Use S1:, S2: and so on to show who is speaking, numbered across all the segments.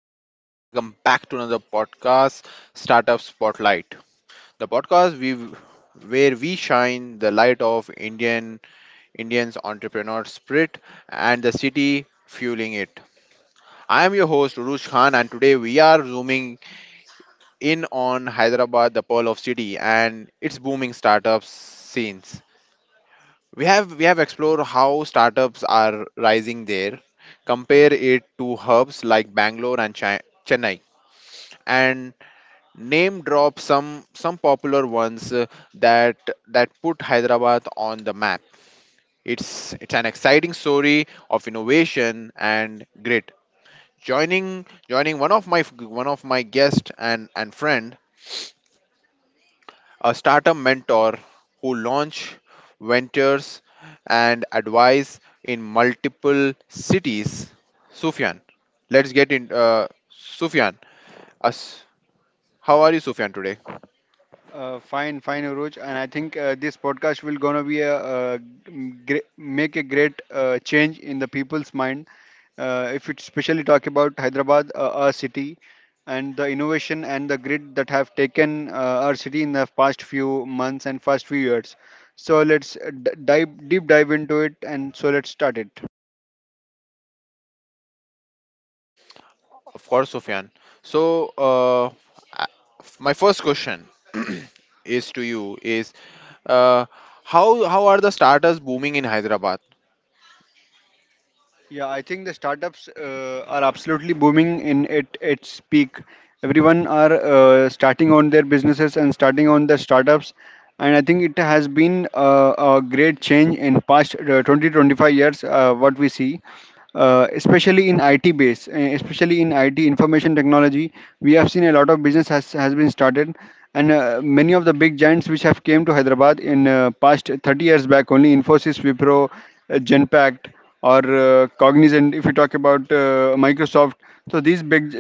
S1: Hello, everyone. Welcome back to another podcast, Startup Spotlight, the podcast we where we shine the light of Indians entrepreneur spirit and the city fueling it. I am your host Urush Khan, and today we are zooming in on Hyderabad, the pearl of city, and its booming startup scenes. We have explored how startups are rising there. Compare it to hubs like Bangalore and Chennai, and name drop some popular ones that that put Hyderabad on the map. It's an exciting story of innovation and grit. Joining one of my guest and friend, a startup mentor who launch ventures and advise in multiple cities, Sufyan. Let's get in, Sufyan us, how are you, Sufyan, today?
S2: Fine, fine, Uruj. And I think this podcast will gonna be make a great change in the people's mind. If it especially talk about Hyderabad, our city, and the innovation and the grid that have taken our city in the past few months and past few years. So let's d- dive deep dive into it, and so let's start it.
S1: Of course, Sufyan. So, I- my first question is to you is, uh, how how are the starters booming in Hyderabad?
S2: Yeah, I think the startups are absolutely booming in it. Its peak. Everyone are starting on their businesses and starting on their startups, and I think it has been a great change in past 20 25 years. What we see, especially in IT base, especially in IT information technology, we have seen a lot of business has been started, and many of the big giants which have came to Hyderabad in past 30 years back only: Infosys, Wipro, Genpact, or Cognizant, if you talk about Microsoft. So these big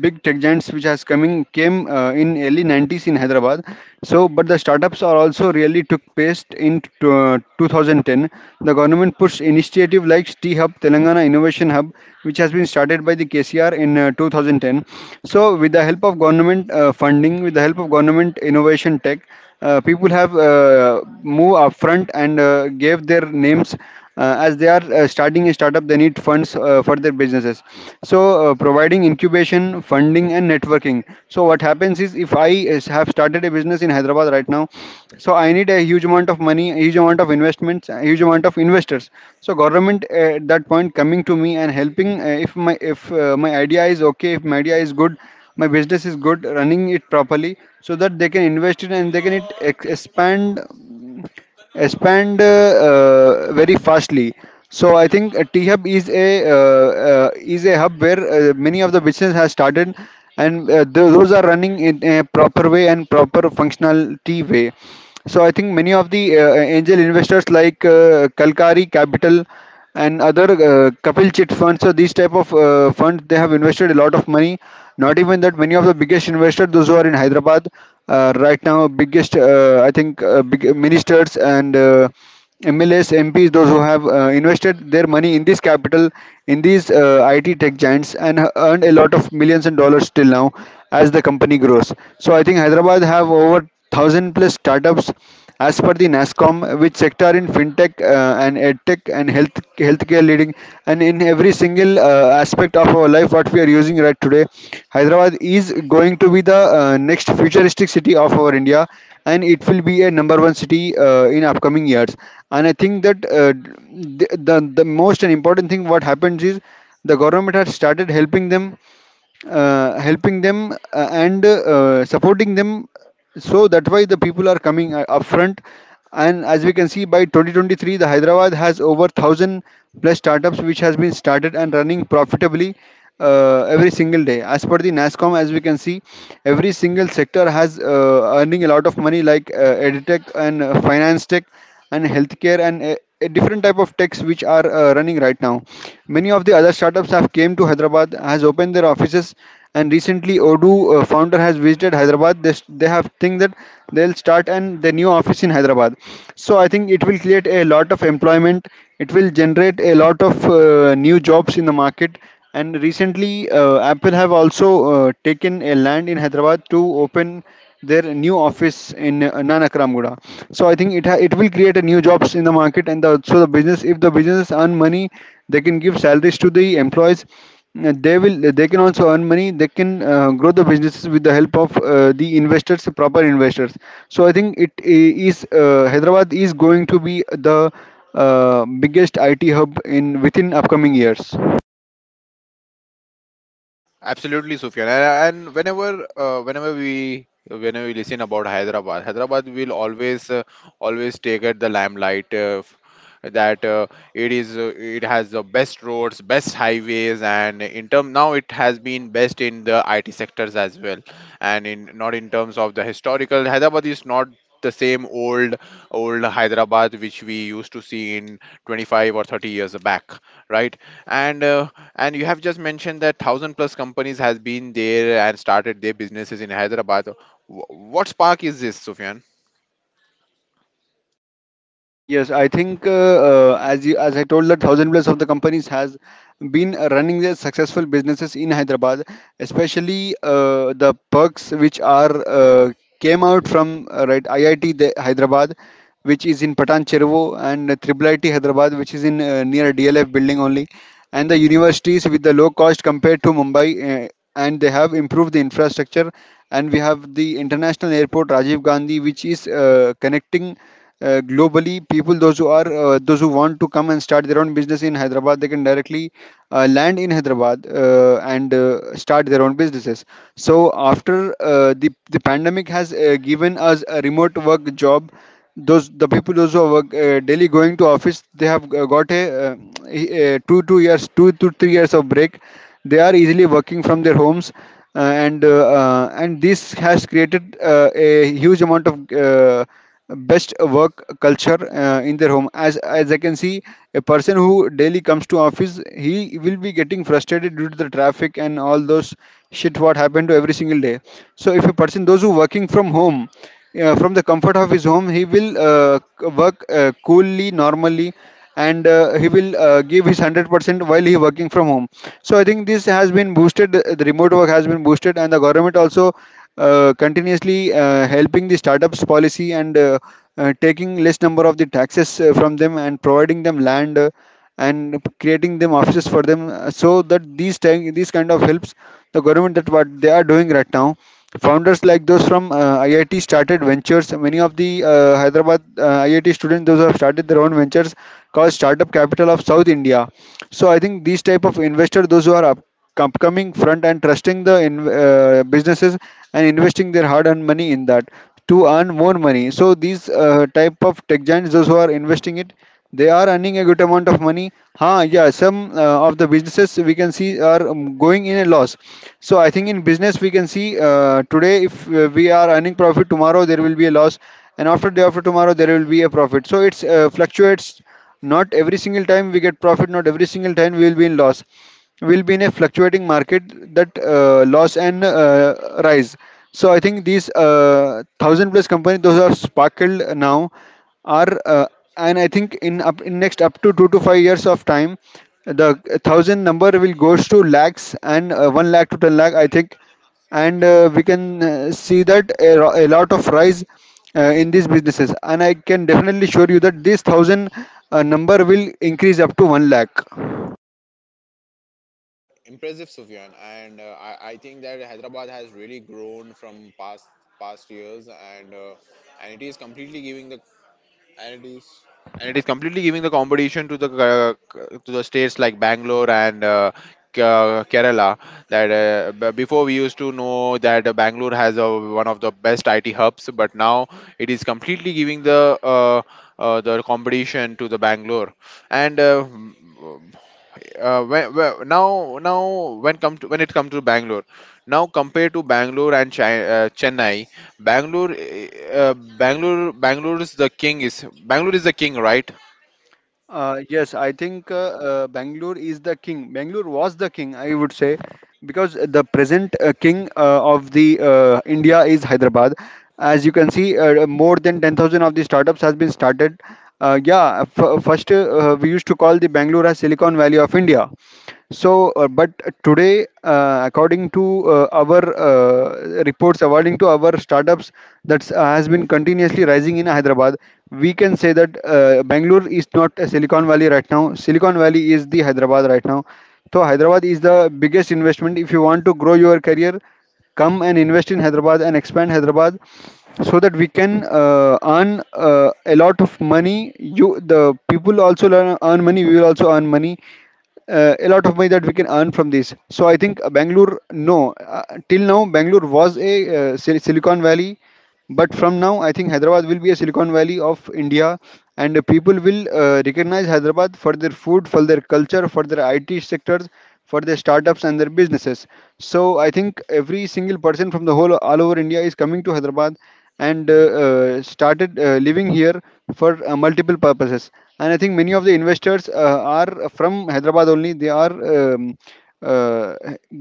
S2: big tech giants which has coming came in early 90s in Hyderabad. So but the startups are also really took pace in 2010. The government pushed initiative like T Hub, Telangana Innovation Hub, which has been started by the KCR in 2010. So with the help of government funding, with the help of government innovation tech, people have moved upfront and gave their names as they are starting a startup. They need funds for their businesses, so providing incubation, funding, and networking. So what happens is, if I have started a business in Hyderabad right now, so I need a huge amount of money, a huge amount of investments, a huge amount of investors. So government at that point coming to me and helping, if my idea is okay, if my idea is good, my business is good, running it properly, so that they can invest it and they can it ex- expand expand very fastly. So I think T Hub is a hub where many of the business has started, and those are running in a proper way and proper functionality way. So I think many of the angel investors like Kalkari Capital and other Kapil Chit funds. So these type of funds, they have invested a lot of money. Not even that, many of the biggest investors, those who are in Hyderabad right now, biggest I think big ministers and MLS, MPs, those who have invested their money in this capital, in these IT tech giants, and earned a lot of millions and dollars till now as the company grows. So I think Hyderabad have over thousand plus startups as per the NASCOM, which sector in fintech and edtech and healthcare leading, and in every single aspect of our life. What we are using right today, Hyderabad is going to be the next futuristic city of our India, and it will be a number one city in upcoming years. And I think that the most important thing what happens is the government has started helping them, and supporting them, so that why the people are coming up front and as we can see, by 2023 the Hyderabad has over 1,000 plus startups which has been started and running profitably every single day as per the NASCOM. As we can see, every single sector has earning a lot of money, like edtech and finance tech and healthcare and a different type of techs which are running right now. Many of the other startups have came to Hyderabad, has opened their offices, and recently Odoo founder has visited Hyderabad. They have think that they'll start an the new office in Hyderabad. So I think it will create a lot of employment. It will generate a lot of new jobs in the market. And recently, Apple have also taken a land in Hyderabad to open their new office in Nanak. So I think it will create a new jobs in the market and the business. If the businesses earn money, they can give salaries to the employees. They will. They can also earn money. They can grow the businesses with the help of the investors, proper investors. So I think it is Hyderabad is going to be the biggest IT hub in within upcoming years.
S1: Absolutely, Sufyan. And whenever we listen about Hyderabad, Hyderabad will always, always take at the limelight. F- that it has the best roads, best highways, and in term now it has been best in the IT sectors as well. And in not in terms of the historical, Hyderabad is not the same old Hyderabad which we used to see in 25 or 30 years back, right? And uh, and you have just mentioned that 1,000 plus companies has been there and started their businesses in Hyderabad. What spark is this, Sufyan?
S2: Yes, I think as I told that thousand plus of the companies has been running their successful businesses in Hyderabad, especially the perks which are came out from right IIT the Hyderabad, which is in Patan Chervo, and Triple IT Hyderabad, which is in near DLF building only, and the universities with the low cost compared to Mumbai. And they have improved the infrastructure, and we have the international airport Rajiv Gandhi, which is connecting globally people, those who are those who want to come and start their own business in Hyderabad, they can directly land in Hyderabad and start their own businesses. So after the pandemic has given us a remote work job, those the people, those who are work, daily going to office, they have got uh, a 2 to 3 years of break. They are easily working from their homes, and this has created a huge amount of uh, best work culture in their home. As I can see, a person who daily comes to office, he will be getting frustrated due to the traffic and all those shit what happened to every single day. So if a person, those who working from home, from the comfort of his home, he will work coolly, normally, and he will give his 100% while he working from home. So I think this has been boosted. The remote work has been boosted, and the government also continuously helping the startups policy, and taking less number of the taxes from them, and providing them land and creating them offices for them, so that these kind of helps the government that what they are doing right now. Founders like those from IIT started ventures. Many of the Hyderabad IIT students, those who have started their own ventures, called startup capital of South India. So I think these type of investor, those who are upcoming front and trusting the businesses, and investing their hard-earned money in that to earn more money. So these type of tech giants, those who are investing it, they are earning a good amount of money. Huh? Yeah, some of the businesses we can see are going in a loss. So I think in business we can see, today if we are earning profit, tomorrow there will be a loss, and after day after tomorrow there will be a profit. So it's fluctuates. Not every single time we get profit. Not every single time we will be in loss. Will be in a fluctuating market, that loss and rise. So I think these thousand plus companies, those are sparkled now, are and I think in up in next up to 2 to 5 years of time, the thousand number will goes to lakhs, and one lakh to ten lakh, I think. And we can see that a lot of rise in these businesses. And I can definitely assure you that this thousand number will increase up to one lakh.
S1: Impressive, Sufyan. I think that Hyderabad has really grown from past years, and it is completely giving the and it is and it is completely giving the competition to the states like Bangalore and Kerala. Before we used to know that Bangalore has one of the best IT hubs, but now it is completely giving the competition to the Bangalore. And when, now now when come to, when it comes to Bangalore, now compare to Bangalore and Chi Chennai, Bangalore Bangalore Bangalore is the king is Bangalore is the king, right?
S2: Yes, I think Bangalore is the king. Bangalore was the king, I would say, because the present king of the India is Hyderabad. As you can see, more than 10,000 of the startups has been started. Yeah, first we used to call the Bangalore as Silicon Valley of India. So, but today, according to our reports, according to our startups that has been continuously rising in Hyderabad, we can say that Bangalore is not a Silicon Valley right now. Silicon Valley is the Hyderabad right now. So, Hyderabad is the biggest investment. If you want to grow your career, come and invest in Hyderabad and expand Hyderabad so that we can earn a lot of money, you the people also learn, earn money, we will also earn money, a lot of money that we can earn from this. So I think Bangalore, no, till now Bangalore was a Silicon Valley, but from now I think Hyderabad will be a Silicon Valley of India, and the people will recognize Hyderabad for their food, for their culture, for their IT sectors, for their startups and their businesses. So I think every single person from the whole all over India is coming to Hyderabad and started living here for multiple purposes. And I think many of the investors are from Hyderabad only. They are uh,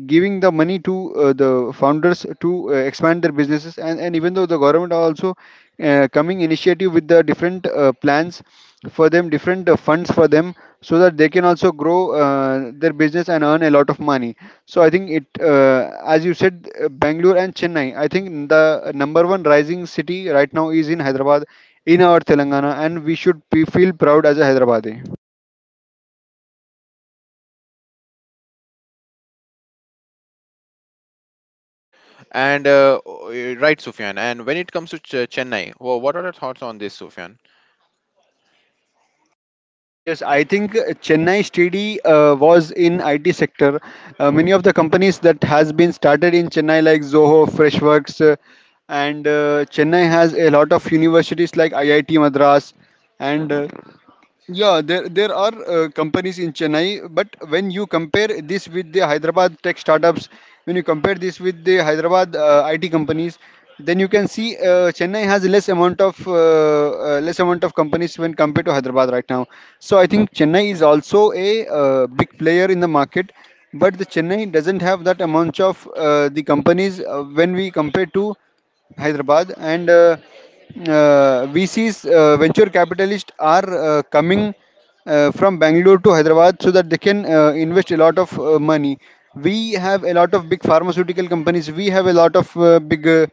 S2: giving the money to the founders to expand their businesses. And even though the government are also coming initiative with the different plans for them, different funds for them, so that they can also grow their business and earn a lot of money. So I think it, as you said, Bangalore and Chennai, I think the number one rising city right now is in Hyderabad, in our Telangana, and we should be, feel proud as a Hyderabadi.
S1: And uh, uh, right Sufyan. And when it comes to Chennai, what are your thoughts on this, Sufyan?
S2: Yes, I think Chennai Steady was in IT sector. Many of the companies that has been started in Chennai like Zoho, Freshworks, and Chennai has a lot of universities like IIT Madras, and yeah, there are companies in Chennai, but when you compare this with the Hyderabad tech startups, when you compare this with the Hyderabad IT companies, then you can see Chennai has less amount of companies when compared to Hyderabad right now. So I think Chennai is also a big player in the market, but the Chennai doesn't have that amount of the companies when we compare to Hyderabad, and VCs, venture capitalists, are coming from Bangalore to Hyderabad so that they can invest a lot of money. We have a lot of big pharmaceutical companies. We have a lot of big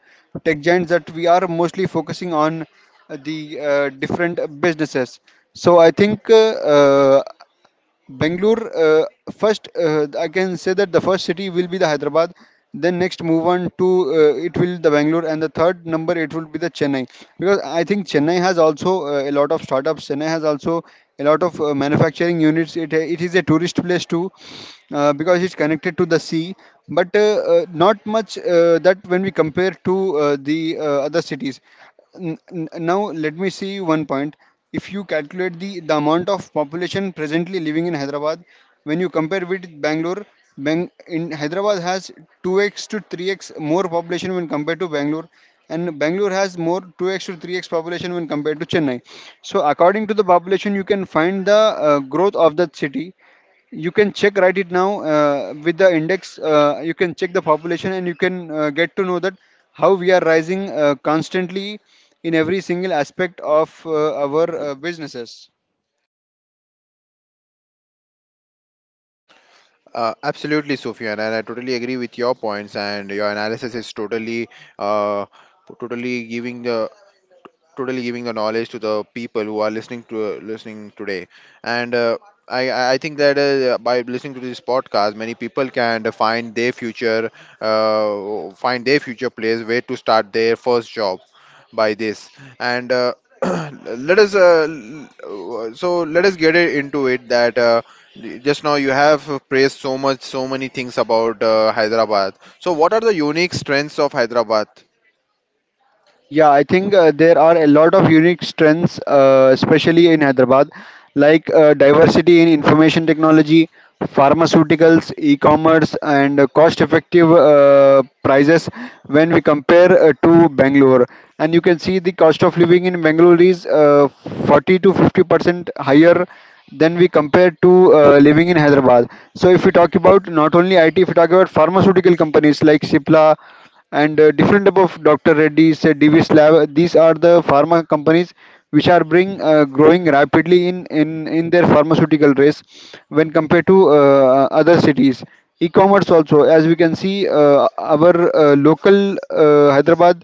S2: tech giants that we are mostly focusing on the different businesses. So I think Bangalore, first, I can say that the first city will be the Hyderabad. Then next move on to, it will the Bangalore, and the third number it will be the Chennai, because I think Chennai has also a lot of startups. Chennai has also a lot of manufacturing units. It is a tourist place too, because it's connected to the sea. But not much that when we compare to the other cities. Now let me see one point. If you calculate the amount of population presently living in Hyderabad when you compare with Bangalore, in Hyderabad has 2x to 3x more population when compared to Bangalore, and Bangalore has more 2x to 3x population when compared to Chennai. So according to the population you can find the growth of that city. You can check right it now, with the index, you can check the population and you can get to know that how we are rising constantly in every single aspect of our businesses.
S1: Absolutely, Sufyan, and I totally agree with your points, and your analysis is totally uh, totally giving the totally giving the knowledge to the people who are listening to listening today. And uh, I, I I think that by listening to this podcast, many people can find their future place where to start their first job by this. And let us, uh, l- let us get it into it that just now you have praised so much, so many things about Hyderabad. So what are the unique strengths of Hyderabad?
S2: Yeah, I think there are a lot of unique strengths, especially in Hyderabad, like diversity in information technology, pharmaceuticals, e-commerce, and cost-effective prices when we compare to Bangalore. And you can see the cost of living in Bangalore is 40 to 50% higher than we compare to living in Hyderabad. So if we talk about not only IT, if we talk about pharmaceutical companies like Cipla and different type of Dr. Reddy's, Divi's Lab. These are the pharma companies which are bring growing rapidly in, in their pharmaceutical race when compared to other cities. E-commerce also, as we can see, our local Hyderabad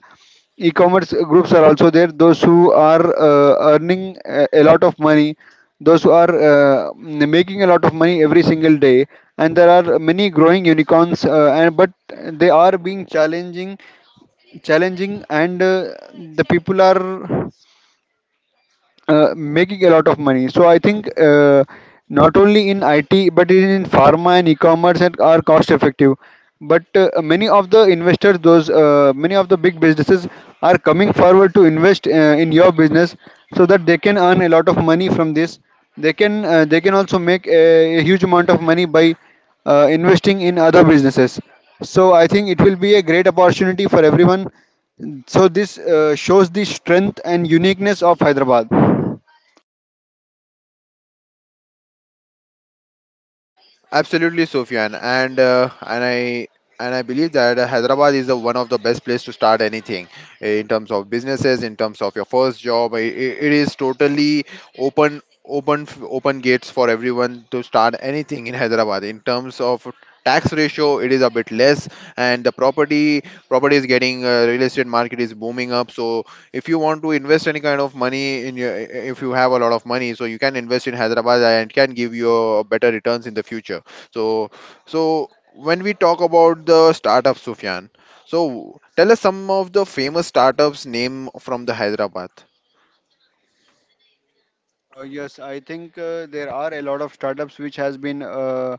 S2: e-commerce groups are also there, those who are earning a lot of money, those who are making a lot of money every single day, and there are many growing unicorns, and but they are being challenging and the people are making a lot of money. So I think not only in IT but in pharma and e-commerce and are cost effective. But many of the investors, those many of the big businesses are coming forward to invest in your business so that they can earn a lot of money from this. They can also make a huge amount of money by investing in other businesses. So I think it will be a great opportunity for everyone, so this shows the strength and uniqueness of Hyderabad.
S1: Absolutely, Sofyan. And I believe that Hyderabad is the one of the best place to start anything, in terms of businesses, in terms of your first job. It is totally open gates for everyone to start anything in Hyderabad. In terms of tax ratio, it is a bit less, and the property is getting, real estate market is booming up. So if you want to invest any kind of money in your, if you have a lot of money, so you can invest in Hyderabad and it can give you a better returns in the future. So, so, when we talk about the startups, Sufyan, so tell us some of the famous startups name from the Hyderabad.
S2: Yes, I think there are a lot of startups which has been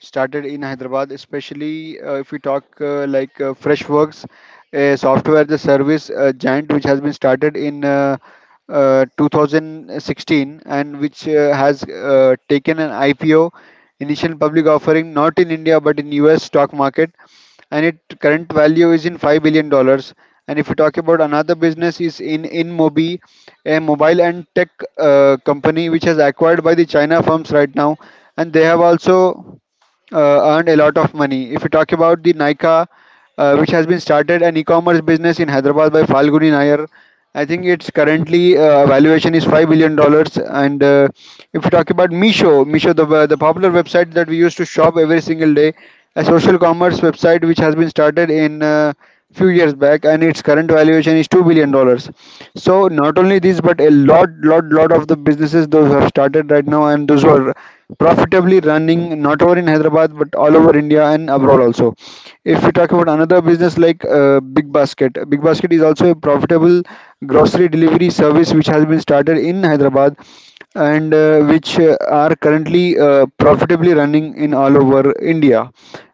S2: started in Hyderabad, especially if we talk like Freshworks, a software as a service giant which has been started in 2016 and which has taken an IPO, initial public offering, not in India but in US stock market. And its current value is in $5 billion. And if you talk about another business is in InMobi, a mobile and tech company which has acquired by the China firms right now, and they have also earned a lot of money. If you talk about the Nika, which has been started an e-commerce business in Hyderabad by Falguni Nair, I think its currently valuation is $5 billion. And if you talk about Misho, Misho the popular website that we used to shop every single day, a social commerce website which has been started in, few years back, and its current valuation is $2 billion. So not only this, but a lot of the businesses, those who have started right now and those who are profitably running not only in Hyderabad but all over India and abroad also. If we talk about another business like Big Basket, Big Basket is also a profitable grocery delivery service which has been started in Hyderabad and which are currently profitably running in all over India.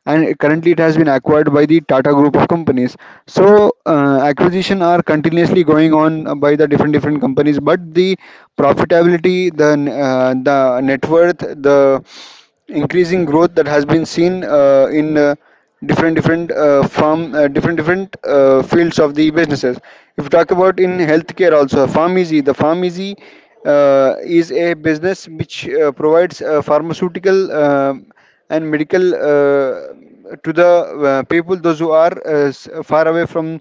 S2: And currently, it has been acquired by the Tata Group of companies. So acquisition are continuously going on by the different different companies, but the profitability, the net worth, the increasing growth that has been seen in different different farm different different fields of the businesses. If you talk about in healthcare also, Farm Easy, the Farm Easy is a business which provides pharmaceutical and medical, to the people those who are far away from,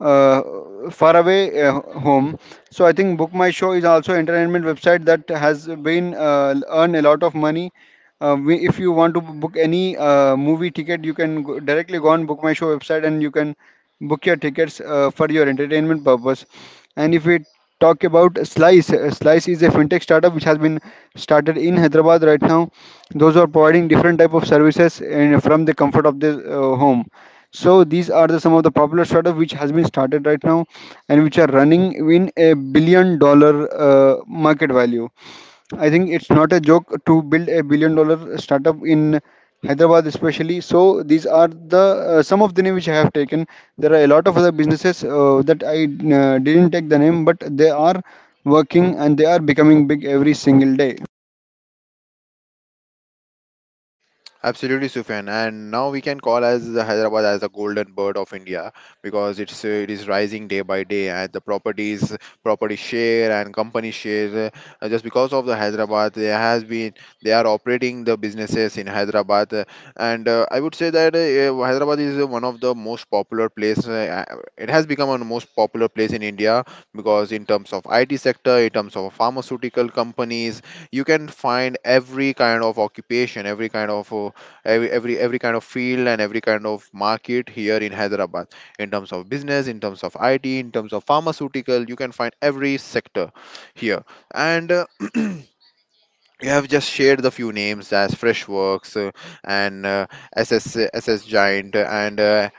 S2: uh, far away, home. So I think Book My Show is also entertainment website that has been earned a lot of money. If you want to book any movie ticket, you can directly go on Book My Show website and you can book your tickets for your entertainment purpose. And if we talk about Slice, Slice is a fintech startup which has been started in Hyderabad right now. Those who are providing different type of services and from the comfort of their home. So these are the some of the popular startup which has been started right now and which are running in a billion dollar market value. I think it's not a joke to build a billion dollar startup in Hyderabad, especially. So these are the some of the name which I have taken. There are a lot of other businesses that I didn't take the name, but they are working and they are becoming big every single day.
S1: Absolutely, Sufyan. And now we can call as the Hyderabad as a golden bird of India, because it's it is rising day by day, and the properties, property share and company share, just because of the Hyderabad, there has been they are operating the businesses in Hyderabad, and I would say that Hyderabad is one of the most popular place. It has become one of the most popular place in India, because in terms of IT sector, in terms of pharmaceutical companies, you can find every kind of occupation, every kind of every kind of field and every kind of market here in Hyderabad, in terms of business, in terms of IT, in terms of pharmaceutical, you can find every sector here. And you have just shared the few names as Freshworks, and SaaS giant, and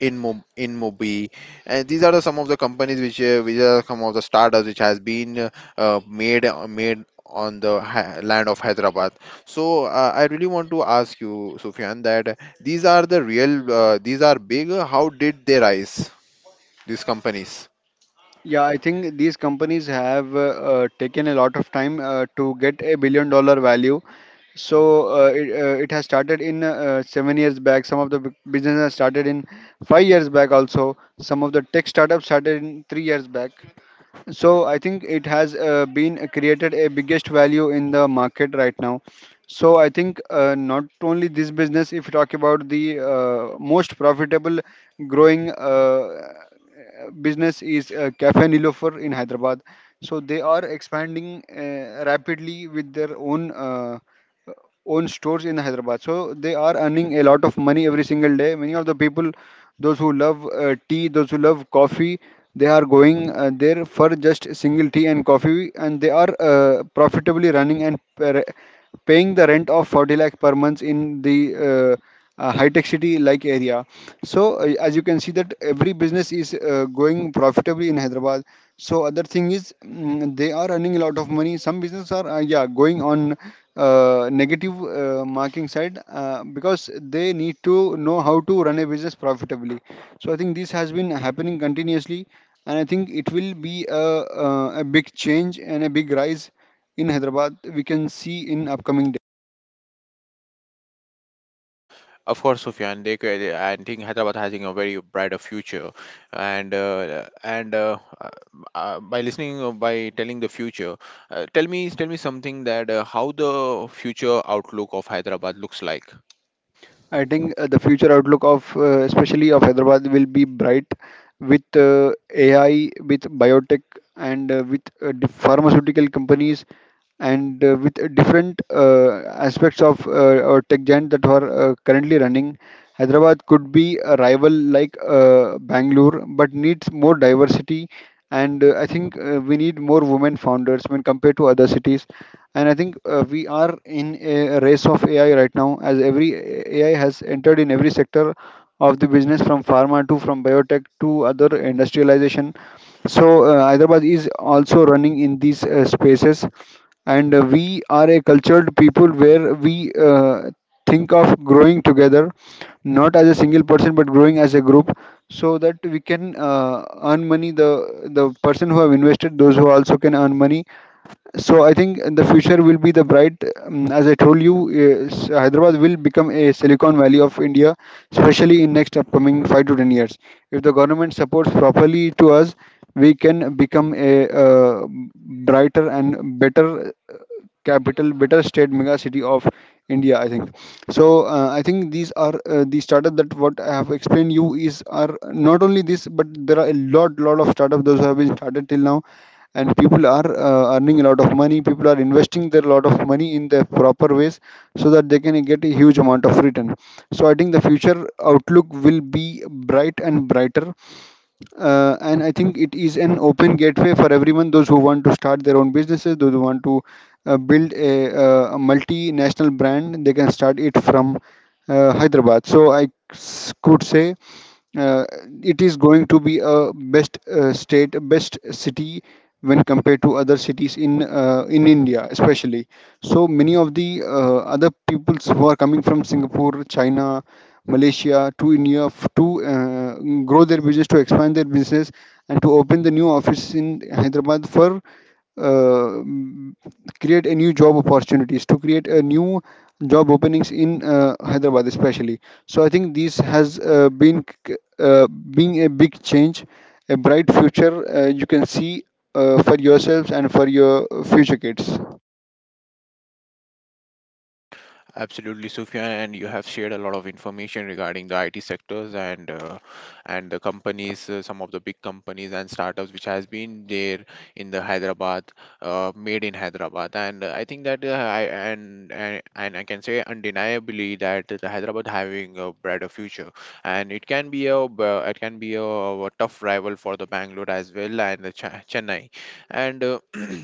S1: in Mobi, and these are the some of the companies which are some of the startups which has been made on the land of Hyderabad. So I really want to ask you, Sufyan, that these are the real these are big. How did they rise? These companies.
S2: Yeah, I think these companies have taken a lot of time to get a billion dollar value. So it has started in, 7 years back. Some of the businesses started in 5 years back also. Some of the tech startups started in 3 years back. So I think it has been created a biggest value in the market right now. So I think not only this business, if you talk about the most profitable growing business is Cafe Nilofer in Hyderabad. So they are expanding rapidly with their own. Own stores in Hyderabad. So they are earning a lot of money every single day. Many of the people, those who love tea, those who love coffee, they are going there for just single tea and coffee, and they are profitably running and paying the rent of 40 lakh per month in the high tech city like area. So as you can see that every business is going profitably in Hyderabad. So other thing is, they are earning a lot of money. Some businesses are going on negative marking side because they need to know how to run a business profitably. So I think this has been happening continuously, and I think it will be a big change and a big rise in Hyderabad, we can see in upcoming.
S1: Of course, Sufyan, I think Hyderabad has a very brighter future, and by listening by telling the future, tell me something that how the future outlook of Hyderabad looks like.
S2: I think the future outlook of especially of Hyderabad will be bright with AI, with biotech, and with the pharmaceutical companies, and with different aspects of our tech giant that are currently running. Hyderabad could be a rival like Bangalore, but needs more diversity, and I think we need more women founders when compared to other cities. And I think we are in a race of AI right now, as every AI has entered in every sector of the business, from pharma to from biotech to other industrialization. So Hyderabad is also running in these spaces, and we are a cultured people where we think of growing together, not as a single person but growing as a group, so that we can earn money. The person who have invested, those who also can earn money. So I think in the future will be the bright. As I told you, is Hyderabad will become a Silicon Valley of India, especially in next upcoming 5 to 10 years. If the government supports properly to us, we can become a brighter and better capital, better state mega city of India, I think. So I think these are the startup that what I have explained you is are not only this, but there are a lot of startup those have been started till now. And people are earning a lot of money. People are investing their lot of money in the proper ways, so that they can get a huge amount of return. So I think the future outlook will be bright and brighter. And I think it is an open gateway for everyone, those who want to start their own businesses, those who want to build a multinational brand. They can start it from Hyderabad. So could say uh, it is going to be a best state, best city when compared to other cities in India, especially. So many of the other peoples who are coming from Singapore, China, Malaysia to India, to grow their business, to expand their business, and to open the new office in Hyderabad for uh, m- create a new job opportunities, to create a new job openings in Hyderabad especially. So I think this has been being a big change, a bright future you can see for yourselves and for your future kids.
S1: Absolutely, Sufyan, and you have shared a lot of information regarding the IT sectors and the companies, some of the big companies and startups which has been there in the Hyderabad, made in Hyderabad. And I think that I and I can say undeniably that the Hyderabad having a brighter future, and it can be a a tough rival for the Bangalore as well and the Chennai, and.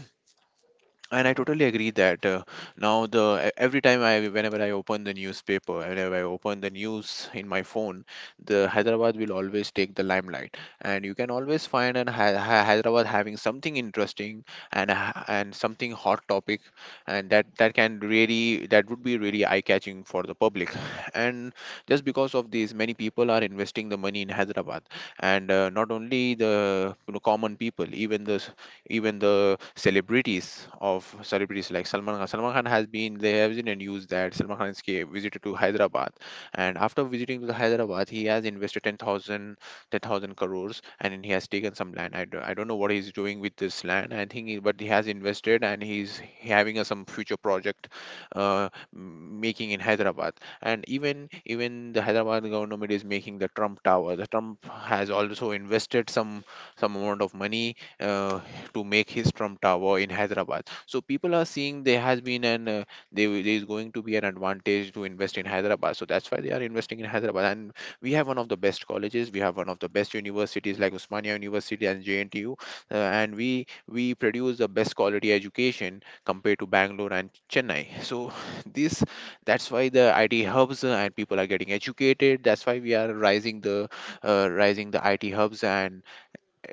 S1: And I totally agree that now the every time I whenever I open the newspaper, whenever I open the news in my phone, the Hyderabad will always take the limelight, and you can always find an Hyderabad having something interesting and something hot topic, and that that can really that would be really eye catching for the public, and just because of this, many people are investing the money in Hyderabad, and not only the, you know, common people, even the celebrities of celebrities like Salman Khan. Salman Khan has been they have been in news that Salman Khan's ca- visited to Hyderabad, and after visiting to the Hyderabad, he has 10,000 crores, and he has taken some land. I don't know what he's doing with this land. But he has invested, and he's having a some future project uh, making in Hyderabad. And even even the Hyderabad government is making the Trump Tower. The Trump has also invested some amount of money to make his Trump Tower in Hyderabad. So people are seeing there has been an there is going to be an advantage to invest in Hyderabad. So that's why they are investing in Hyderabad. And we have one of the best colleges. We have one of the best universities like Usmania University and JNTU, and we produce the best quality education compared to Bangalore and Chennai. So this that's why the IT hubs and people are getting educated. That's why we are rising the IT hubs and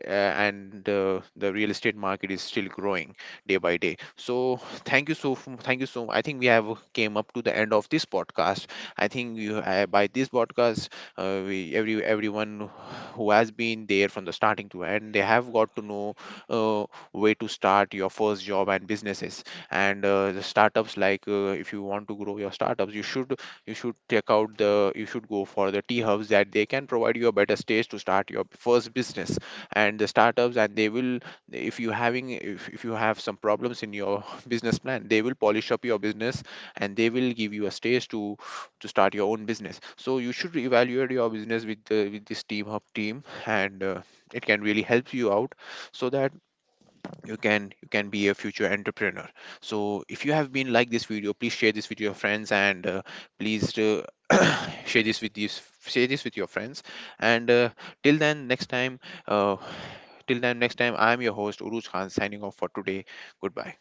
S1: uh, and uh, the real estate market is still growing day by day. So thank you. So I think we have came up to the end of this podcast. I think you, by this podcast, we every everyone who has been there from the starting to end they have got to know uh, where to start your first job and businesses. And the startups, like, if you want to grow your startups you should, you should check out the, you should go for the T hubs that they can provide you a better stage to start your first business and the startups, and they will, if you having, if you have some problems in your business plan they will polish up your business and they will give you a stage to start your own business. So you should evaluate your business with the with this team hub team, and it can really help you out, so that you can be a future entrepreneur. So if you have been like this video please share this with your friends, and please share this with these share this with your friends, and till then next time uh, till then, next time, I am your host, Uruj Khan, signing off for today. Goodbye.